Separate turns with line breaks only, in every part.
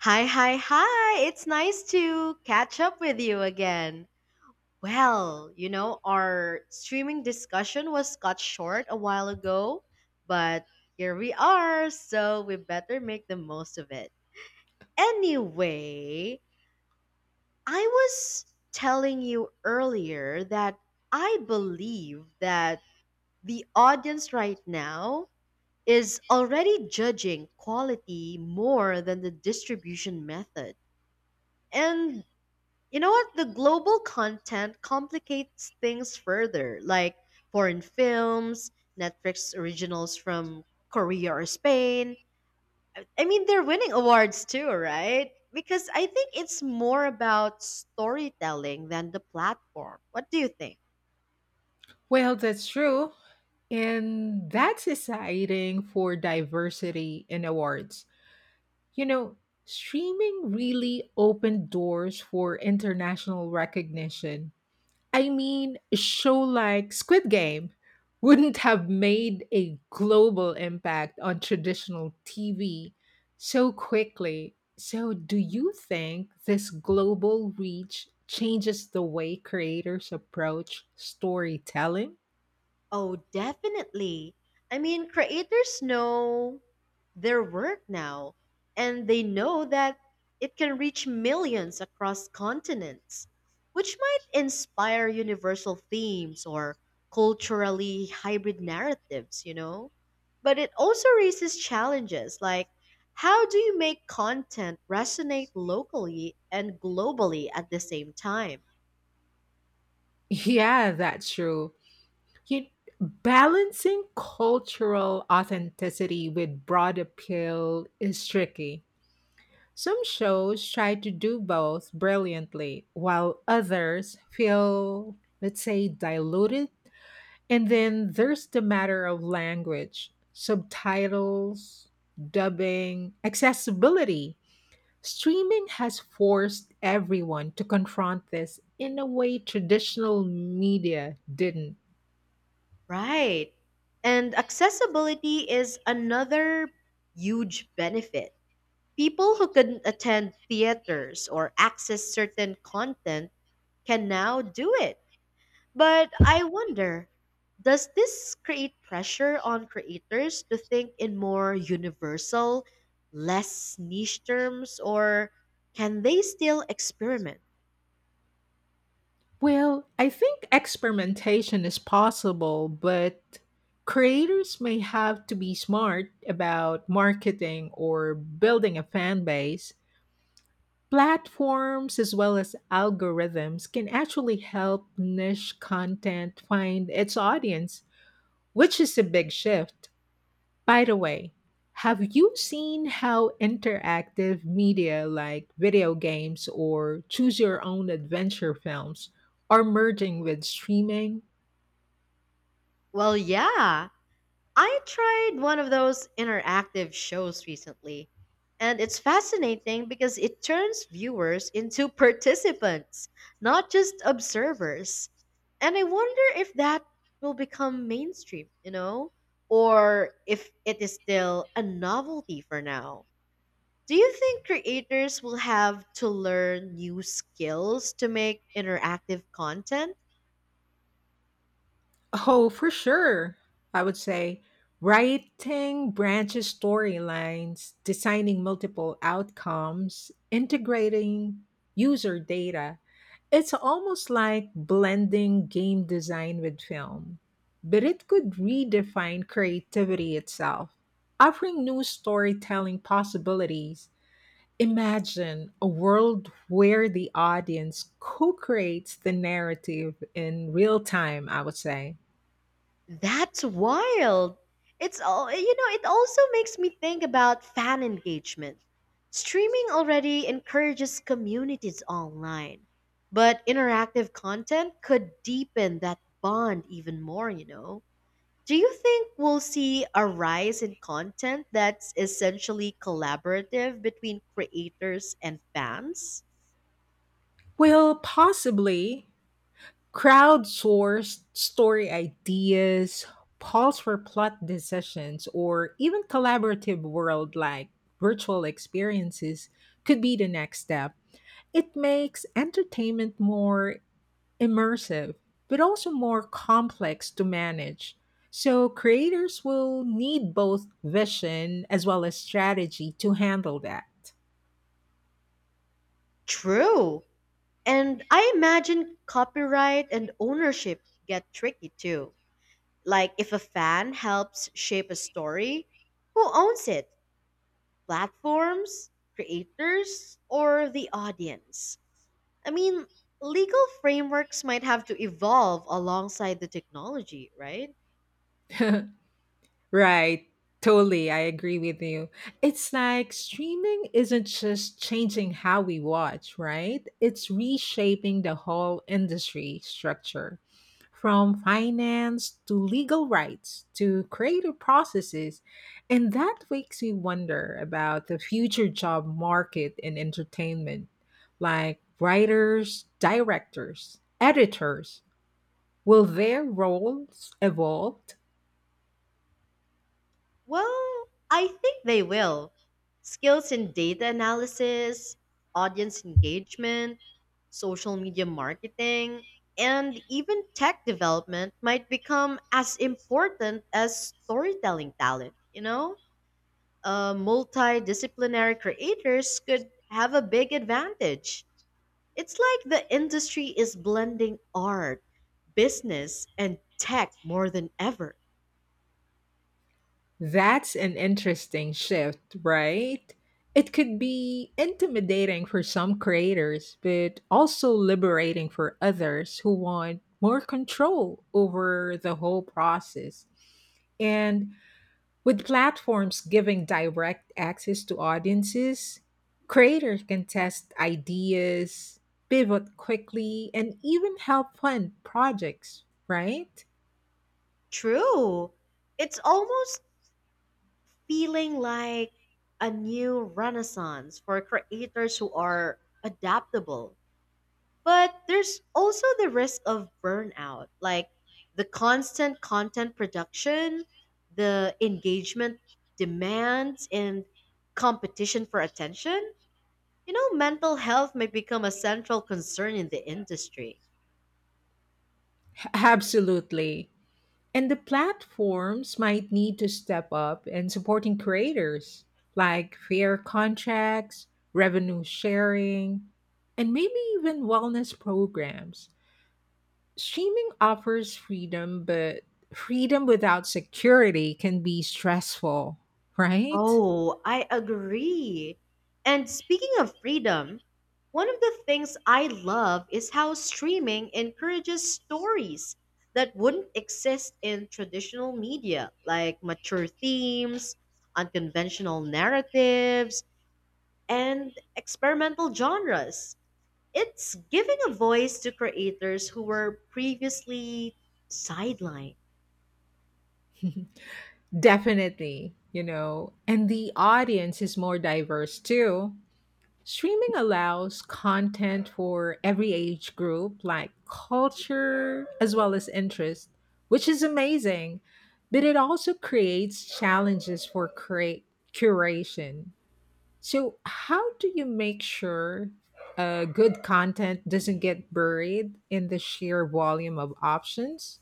Hi, hi, hi. It's nice to catch up with you again. Our streaming discussion was cut short a while ago, but here we are, so we better make the most of it. Anyway, I was telling you earlier that I believe that the audience right now is already judging quality more than the distribution method. And You know what? The global content complicates things further, like foreign films, Netflix originals from Korea or Spain. I mean, they're winning awards too, right? Because I think it's more about storytelling than the platform. What do you think?
Well, that's true. And that's exciting for diversity in awards. You know, streaming really opened doors for international recognition. I mean, a show like Squid Game wouldn't have made a global impact on traditional TV so quickly. So, do you think this global reach changes the way creators approach storytelling?
Oh, definitely. I mean, creators know their work now, and they know that it can reach millions across continents, which might inspire universal themes or culturally hybrid narratives. But it also raises challenges like how do you make content resonate locally and globally at the same time?
Yeah, that's true. You Balancing cultural authenticity with broad appeal is tricky. Some shows try to do both brilliantly, while others feel, let's say, diluted. And then there's the matter of language, subtitles, dubbing, accessibility. Streaming has forced everyone to confront this in a way traditional media didn't.
Right. And accessibility is another huge benefit. People who couldn't attend theaters or access certain content can now do it. But I wonder, does this create pressure on creators to think in more universal, less niche terms, or can they still experiment?
Well, I think experimentation is possible, but creators may have to be smart about marketing or building a fan base. Platforms as well as algorithms can actually help niche content find its audience, which is a big shift. By the way, have you seen how interactive media like video games or choose your own adventure films are merging with streaming?
Well, yeah, I tried one of those interactive shows recently, and it's fascinating because it turns viewers into participants, not just observers. And I wonder if that will become mainstream, or if it is still a novelty for now. Do you think creators will have to learn new skills to make interactive content?
Oh, for sure. I would say writing branches storylines, designing multiple outcomes, integrating user data, it's almost like blending game design with film, but it could redefine creativity itself, offering new storytelling possibilities. Imagine a world where the audience co creates the narrative in real time, I would say.
That's wild. It's all, you know, It also makes me think about fan engagement. Streaming already encourages communities online, but interactive content could deepen that bond even more. Do you think we'll see a rise in content that's essentially collaborative between creators and fans?
Well, possibly. Crowdsourced story ideas, polls for plot decisions, or even collaborative world like virtual experiences could be the next step. It makes entertainment more immersive, but also more complex to manage. So, creators will need both vision as well as strategy to handle that.
True. And I imagine copyright and ownership get tricky too. Like, if a fan helps shape a story, who owns it? Platforms, creators, or the audience? I mean, legal frameworks might have to evolve alongside the technology, right?
Right. Totally. I agree with you. It's like streaming isn't just changing how we watch, right? It's reshaping the whole industry structure from finance to legal rights to creative processes. And that makes me wonder about the future job market in entertainment, like writers, directors, editors. Will their roles evolve?
Well, I think they will. Skills in data analysis, audience engagement, social media marketing, and even tech development might become as important as storytelling talent. Multidisciplinary creators could have a big advantage. It's like the industry is blending art, business, and tech more than ever.
That's an interesting shift, right? It could be intimidating for some creators, but also liberating for others who want more control over the whole process. And with platforms giving direct access to audiences, creators can test ideas, pivot quickly, and even help fund projects, right?
True. It's almost feeling like a new renaissance for creators who are adaptable. But there's also the risk of burnout, like the constant content production, the engagement demands, and competition for attention. You know, mental health may become a central concern in the industry.
Absolutely. And the platforms might need to step up in supporting creators, like fair contracts, revenue sharing, and maybe even wellness programs. Streaming offers freedom, but freedom without security can be stressful, right?
Oh, I agree. And speaking of freedom, one of the things I love is how streaming encourages stories that wouldn't exist in traditional media, like mature themes, unconventional narratives, and experimental genres. It's giving a voice to creators who were previously sidelined.
Definitely, you know. And the audience is more diverse too. Streaming allows content for every age group, like culture as well as interest, which is amazing. But it also creates challenges for create curation. So, how do you make sure good content doesn't get buried in the sheer volume of options?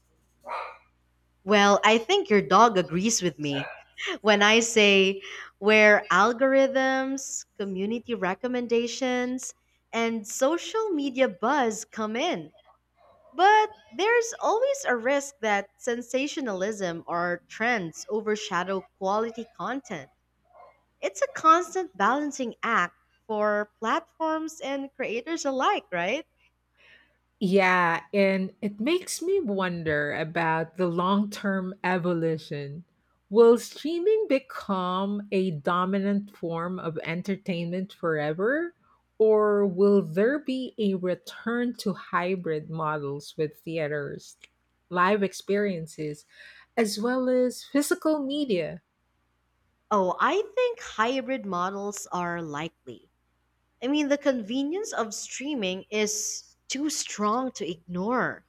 Well, I think your dog agrees with me when I say where algorithms, community recommendations, and social media buzz come in. But there's always a risk that sensationalism or trends overshadow quality content. It's a constant balancing act for platforms and creators alike, right?
Yeah, and it makes me wonder about the long term evolution. Will streaming become a dominant form of entertainment forever? Or will there be a return to hybrid models with theaters, live experiences, as well as physical media?
Oh, I think hybrid models are likely. I mean, the convenience of streaming is too strong to ignore,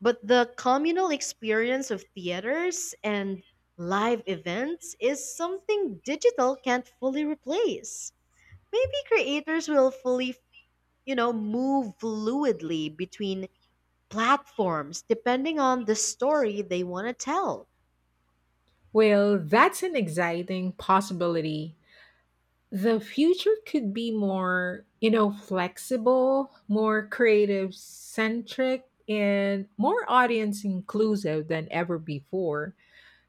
but the communal experience of theaters and live events is something digital can't fully replace. Maybe creators will move fluidly between platforms depending on the story they want to tell.
Well, that's an exciting possibility. The future could be more, you know, flexible, more creative centric, and more audience inclusive than ever before.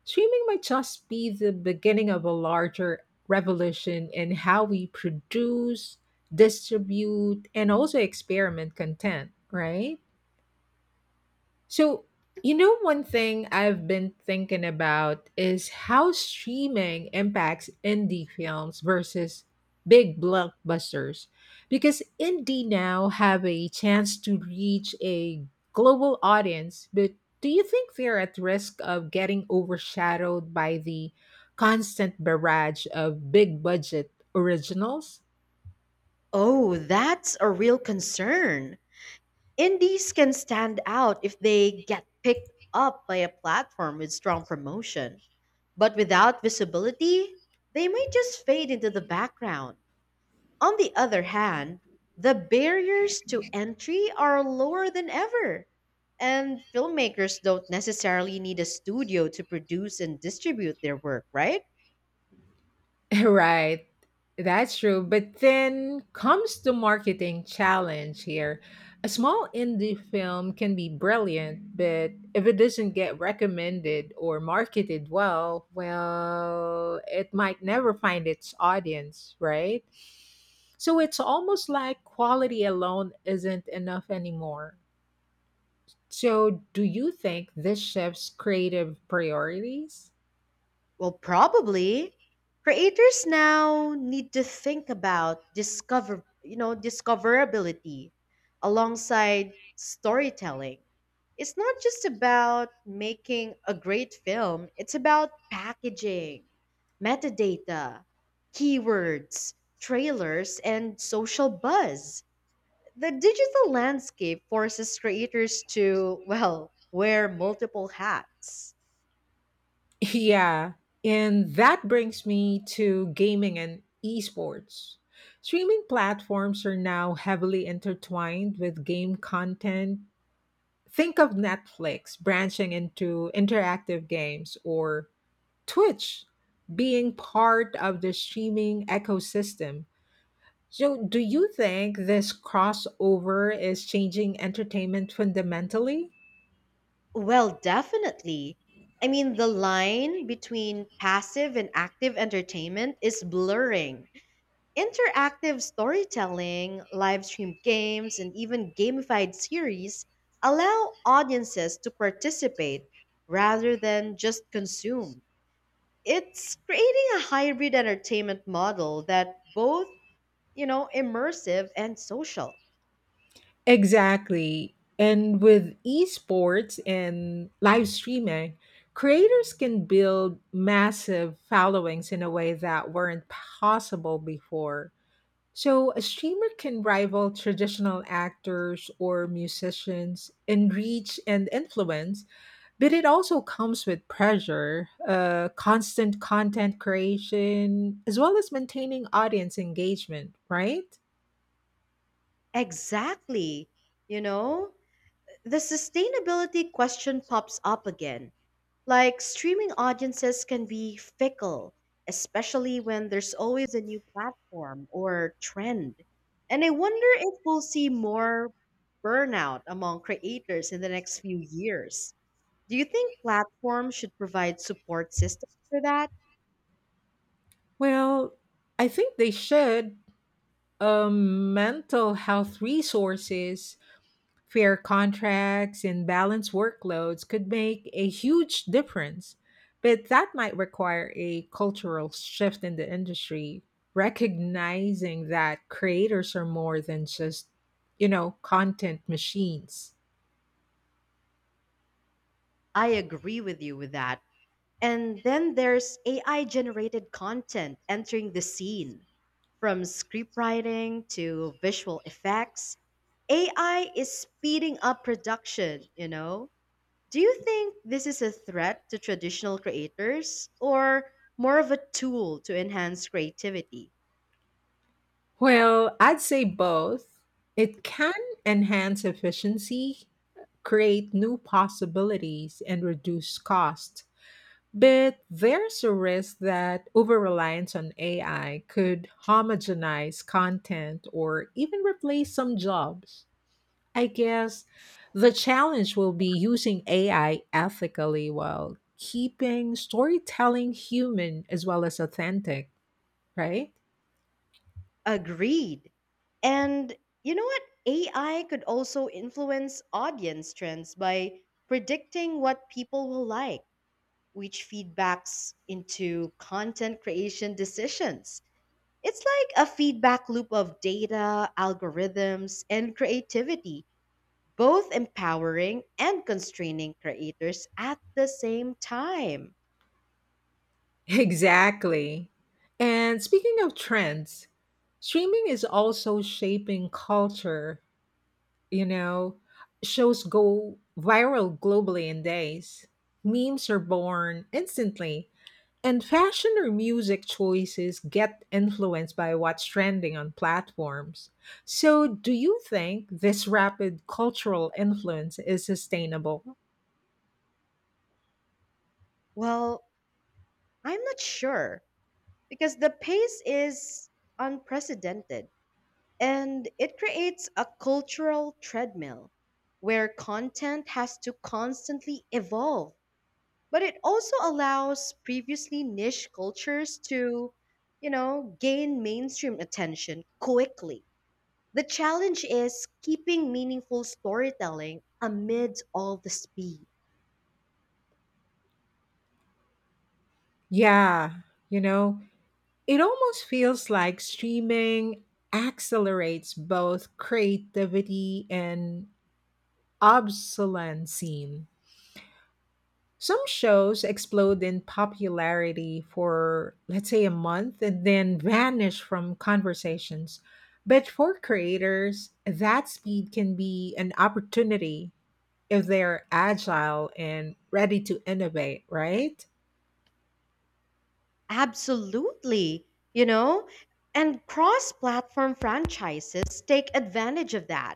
Streaming might just be the beginning of a larger revolution in how we produce, distribute, and also experiment content, right? So, you know, one thing I've been thinking about is how streaming impacts indie films versus big blockbusters. Because indie now have a chance to reach a global audience, but do you think they're at risk of getting overshadowed by the constant barrage of big budget originals?
Oh, that's a real concern. Indies can stand out if they get picked up by a platform with strong promotion, but without visibility, they might just fade into the background. On the other hand, the barriers to entry are lower than ever, and filmmakers don't necessarily need a studio to produce and distribute their work, right?
Right. That's true. But then comes the marketing challenge here. A small indie film can be brilliant, but if it doesn't get recommended or marketed well, well, it might never find its audience, right? So it's almost like quality alone isn't enough anymore. So, do you think this shifts creative priorities?
Well, probably. Creators now need to think about discoverability alongside storytelling. It's not just about making a great film, it's about packaging, metadata, keywords, trailers, and social buzz. The digital landscape forces creators to, well, wear multiple hats.
Yeah, and that brings me to gaming and esports. Streaming platforms are now heavily intertwined with game content. Think of Netflix branching into interactive games or Twitch being part of the streaming ecosystem. So, do you think this crossover is changing entertainment fundamentally?
Well, definitely. I mean, the line between passive and active entertainment is blurring. Interactive storytelling, live stream games, and even gamified series allow audiences to participate rather than just consume. It's creating a hybrid entertainment model that both immersive and social.
Exactly. And with esports and live streaming, creators can build massive followings in a way that weren't possible before. So, a streamer can rival traditional actors or musicians in reach and influence, but it also comes with pressure, constant content creation, as well as maintaining audience engagement, right?
Exactly. You know, the sustainability question pops up again. Like, streaming audiences can be fickle, especially when there's always a new platform or trend. And I wonder if we'll see more burnout among creators in the next few years. Do you think platforms should provide support systems for that?
Well, I think they should mental health resources, fair contracts, and balanced workloads could make a huge difference. But that might require a cultural shift in the industry, recognizing that creators are more than just, you know, content machines.
I agree with you with that. And then there's AI generated content entering the scene. From scriptwriting to visual effects, AI is speeding up production, you know? Do you think this is a threat to traditional creators or more of a tool to enhance creativity?
Well, I'd say both. It can enhance efficiency, create new possibilities, and reduce costs. But there's a risk that over reliance on AI could homogenize content or even replace some jobs. I guess the challenge will be using AI ethically while keeping storytelling human as well as authentic, right?
Agreed. And you know what? AI could also influence audience trends by predicting what people will like, which feedbacks into content creation decisions. It's like a feedback loop of data, algorithms, and creativity, both empowering and constraining creators at the same time.
Exactly. And speaking of trends, streaming is also shaping culture. You know, shows go viral globally in days. Memes are born instantly, and fashion or music choices get influenced by what's trending on platforms. So, do you think this rapid cultural influence is sustainable?
Well, I'm not sure because the pace is unprecedented and it creates a cultural treadmill where content has to constantly evolve, but it also allows previously niche cultures to gain mainstream attention quickly. The challenge is keeping meaningful storytelling amid all the speed.
Yeah, you know, it almost feels like streaming accelerates both creativity and obsolescence. Some shows explode in popularity for, let's say, a month and then vanish from conversations. But for creators, that speed can be an opportunity if they're agile and ready to innovate, right?
Absolutely, you know, and cross platform franchises take advantage of that.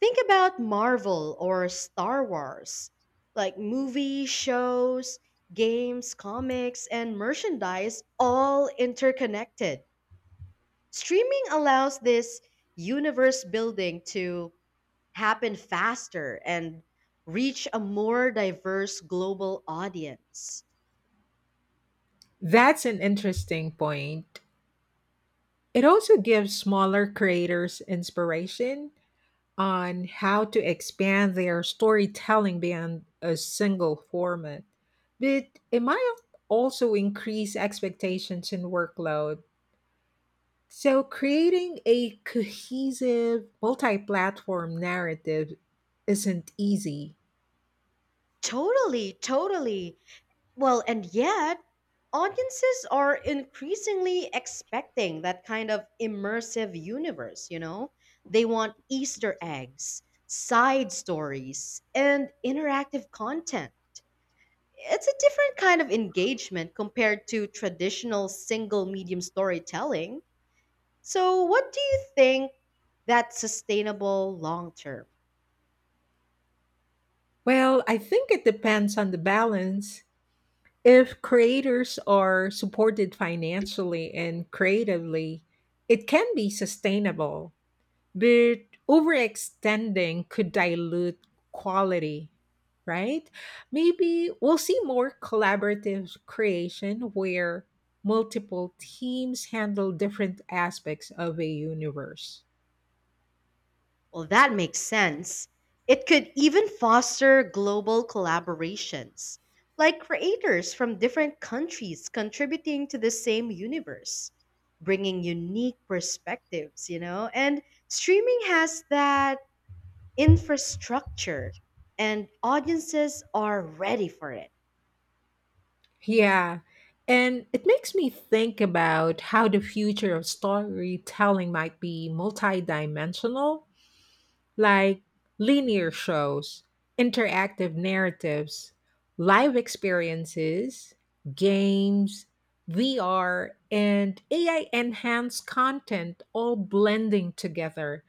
Think about Marvel or Star Wars, like movies, shows, games, comics, and merchandise all interconnected. Streaming allows this universe building to happen faster and reach a more diverse global audience.
That's an interesting point. It also gives smaller creators inspiration on how to expand their storytelling beyond a single format. But it might also increase expectations and workload. So, creating a cohesive, multi platform narrative isn't easy.
Totally. Well, and yet, audiences are increasingly expecting that kind of immersive universe, you know? They want Easter eggs, side stories, and interactive content. It's a different kind of engagement compared to traditional single medium storytelling. So, what do you think, that's sustainable long term?
Well, I think it depends on the balance. If creators are supported financially and creatively, it can be sustainable, but overextending could dilute quality, right? Maybe we'll see more collaborative creation where multiple teams handle different aspects of a universe.
Well, that makes sense. It could even foster global collaborations, like creators from different countries contributing to the same universe, bringing unique perspectives, you know? And streaming has that infrastructure and audiences are ready for it.
Yeah, and it makes me think about how the future of storytelling might be multidimensional, like linear shows, interactive narratives, live experiences, games, VR, and AI enhanced content all blending together.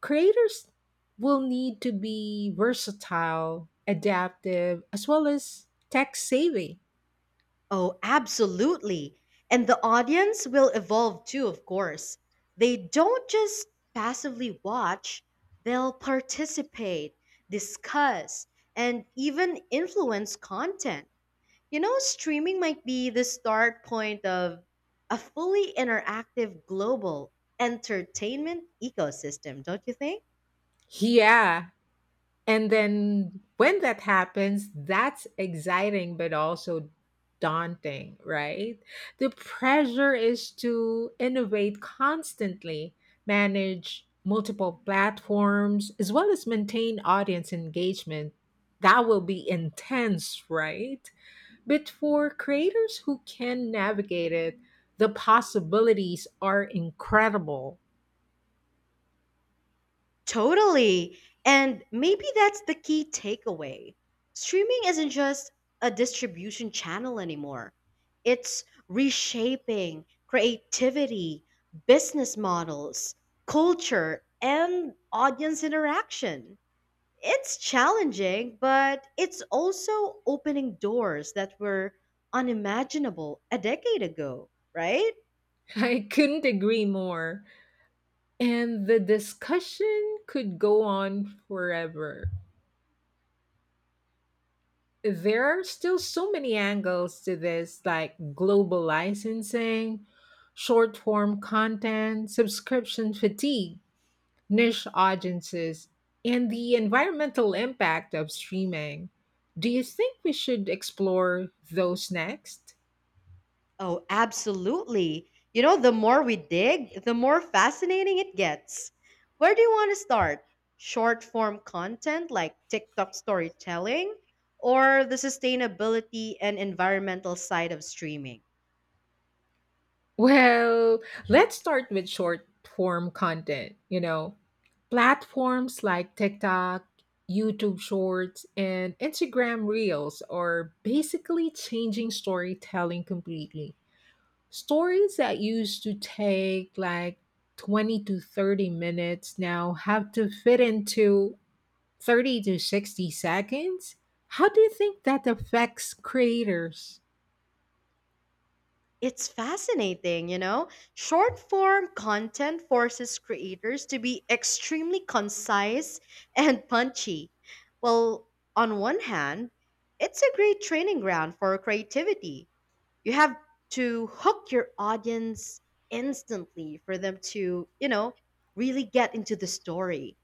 Creators will need to be versatile, adaptive, as well as tech savvy.
Oh, absolutely. And the audience will evolve too, of course. They don't just passively watch, they'll participate, discuss, and even influence content. You know, streaming might be the start point of a fully interactive global entertainment ecosystem, don't you think?
Yeah, and then when that happens, that's exciting, but also daunting, right? The pressure is to innovate constantly, manage multiple platforms, as well as maintain audience engagement. That will be intense, right? But for creators who can navigate it, the possibilities are incredible.
Totally. And maybe that's the key takeaway. Streaming isn't just a distribution channel anymore, it's reshaping creativity, business models, culture, and audience interaction. It's challenging, but it's also opening doors that were unimaginable a decade ago, right?
I couldn't agree more. And the discussion could go on forever. There are still so many angles to this, like global licensing, short form content, subscription fatigue, niche audiences, and the environmental impact of streaming. Do you think we should explore those next?
Oh, absolutely. You know, the more we dig, the more fascinating it gets. Where do you want to start? Short form content like TikTok storytelling or the sustainability and environmental side of streaming?
Well, let's start with short form content. You know, platforms like TikTok, YouTube Shorts, and Instagram Reels are basically changing storytelling completely. Stories that used to take like 20 to 30 minutes now have to fit into 30 to 60 seconds. How do you think that affects creators?
It's fascinating, you know? Short form content forces creators to be extremely concise and punchy. Well, on one hand, it's a great training ground for creativity. You have to hook your audience instantly for them to really get into the story.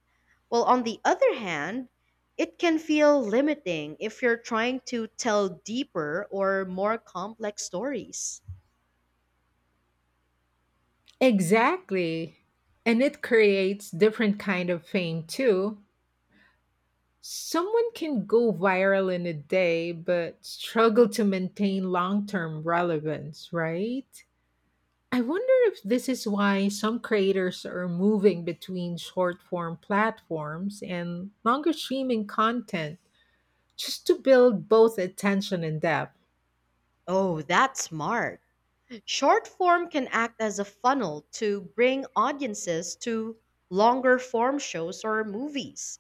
Well, on the other hand, it can feel limiting if you're trying to tell deeper or more complex stories.
Exactly. And it creates different kind of fame too. Someone can go viral in a day but struggle to maintain long-term relevance, right? I wonder if this is why some creators are moving between short-form platforms and longer streaming content just to build both attention and depth.
Oh, that's smart. Short form can act as a funnel to bring audiences to longer form shows or movies.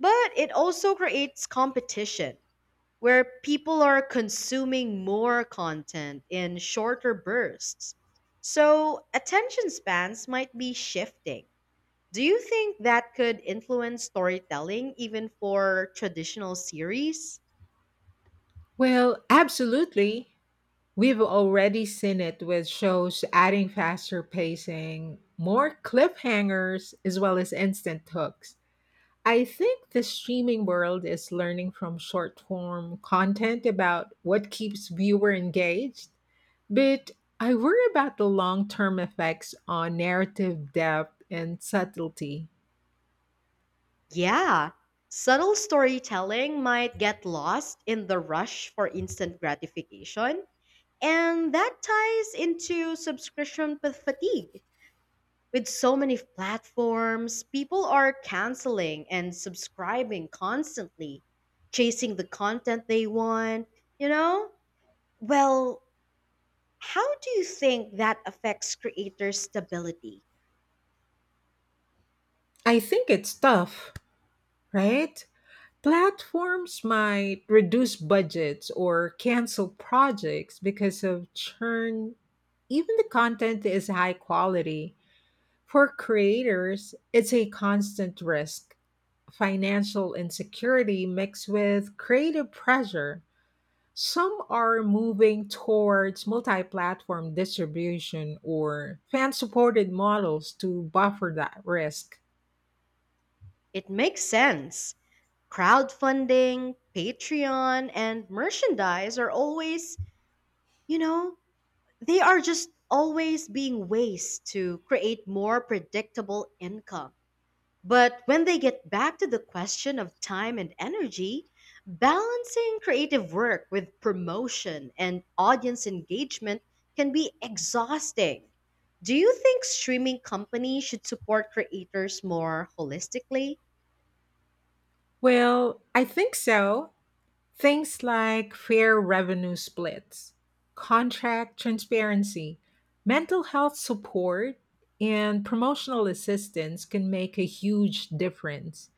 But it also creates competition where people are consuming more content in shorter bursts. So, attention spans might be shifting. Do you think that could influence storytelling even for traditional series?
Well, absolutely. We've already seen it with shows adding faster pacing, more cliffhangers, as well as instant hooks. I think the streaming world is learning from short form content about what keeps viewer engaged, but I worry about the long term effects on narrative depth and subtlety.
Yeah, subtle storytelling might get lost in the rush for instant gratification. And that ties into fatigue. With so many platforms, people are canceling and subscribing constantly, chasing the content they want, you know? Well, how do you think that affects creator stability?
I think it's tough, right? Platforms might reduce budgets or cancel projects because of churn. Even the content is high quality. For creators, it's a constant risk. Financial insecurity mixed with creative pressure. Some are moving towards multi platform distribution or fan supported models to buffer that risk.
It makes sense. Crowdfunding, Patreon, and merchandise are you know, they are just always being ways to create more predictable income. But when they get back to the question of time and energy, balancing creative work with promotion and audience engagement can be exhausting. Do you think streaming companies should support creators more holistically?
Well, I think so. Things like fair revenue splits, contract transparency, mental health support, and promotional assistance can make a huge difference.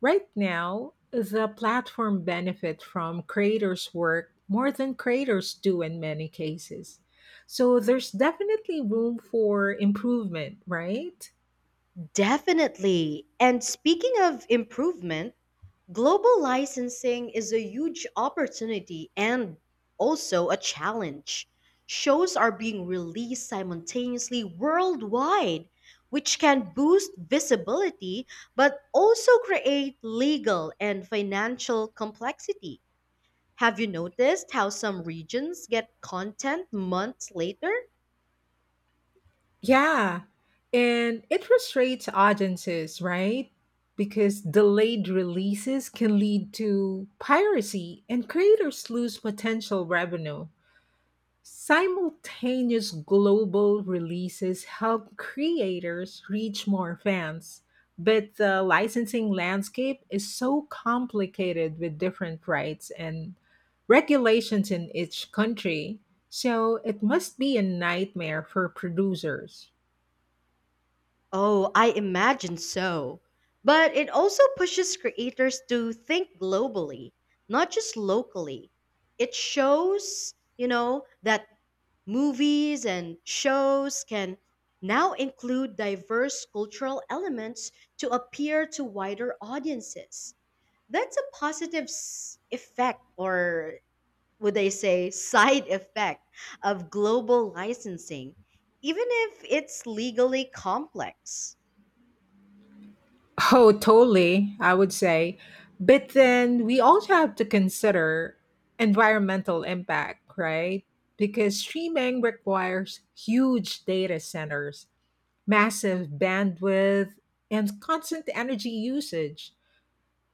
Right now, the platform benefit from creators' work more than creators do in many cases. So there's definitely room for improvement, right?
Definitely. And speaking of improvement, global licensing is a huge opportunity and also a challenge. Shows are being released simultaneously worldwide, which can boost visibility but also create legal and financial complexity. Have you noticed how some regions get content months later?
Yeah. And it frustrates audiences, right? Because delayed releases can lead to piracy and creators lose potential revenue. Simultaneous global releases help creators reach more fans, but the licensing landscape is so complicated with different rights and regulations in each country, so it must be a nightmare for producers.
Oh, I imagine so. But it also pushes creators to think globally, not just locally. It that movies and shows can now include diverse cultural elements to appeal to wider audiences. That's a positive effect, or would I say side effect, of global licensing, even if it's legally complex.
Oh, totally, I would say. But then we also have to consider environmental impact, right? Because streaming requires huge data centers, massive bandwidth, and constant energy usage.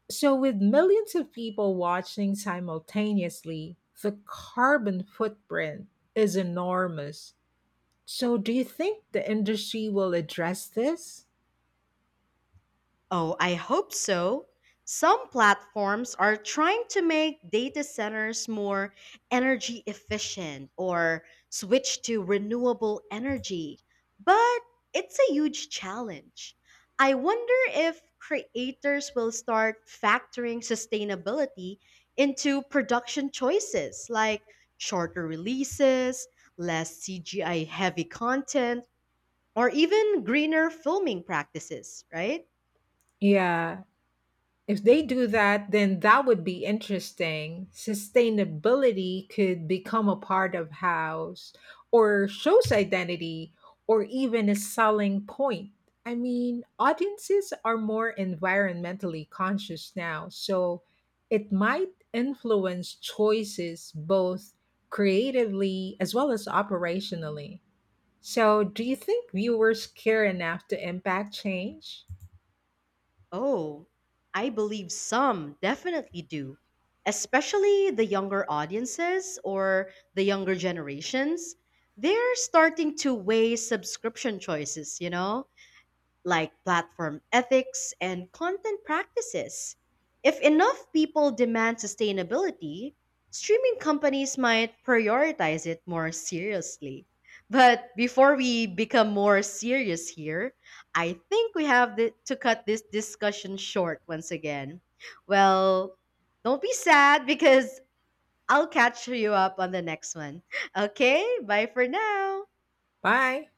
So, with millions of people watching simultaneously, the carbon footprint is enormous. So, do you think the industry will address this?
Oh, I hope so. Some platforms are trying to make data centers more energy efficient or switch to renewable energy, but it's a huge challenge. I wonder if creators will start factoring sustainability into production choices like shorter releases, less CGI heavy content, or even greener filming practices, right?
Yeah, if they do that, then that would be interesting. Sustainability could become a part of house or show's identity or even a selling point. I mean, audiences are more environmentally conscious now, so it might influence choices both creatively as well as operationally. So, do you think viewers care enough to impact change?
Oh, I believe some definitely do, especially the younger audiences or the younger generations. They're starting to weigh subscription choices, like platform ethics and content practices. If enough people demand sustainability, streaming companies might prioritize it more seriously. But before we become more serious here, I think we have to cut this discussion short once again. Well, don't be sad because I'll catch you up on the next one. Okay, bye for now.
Bye.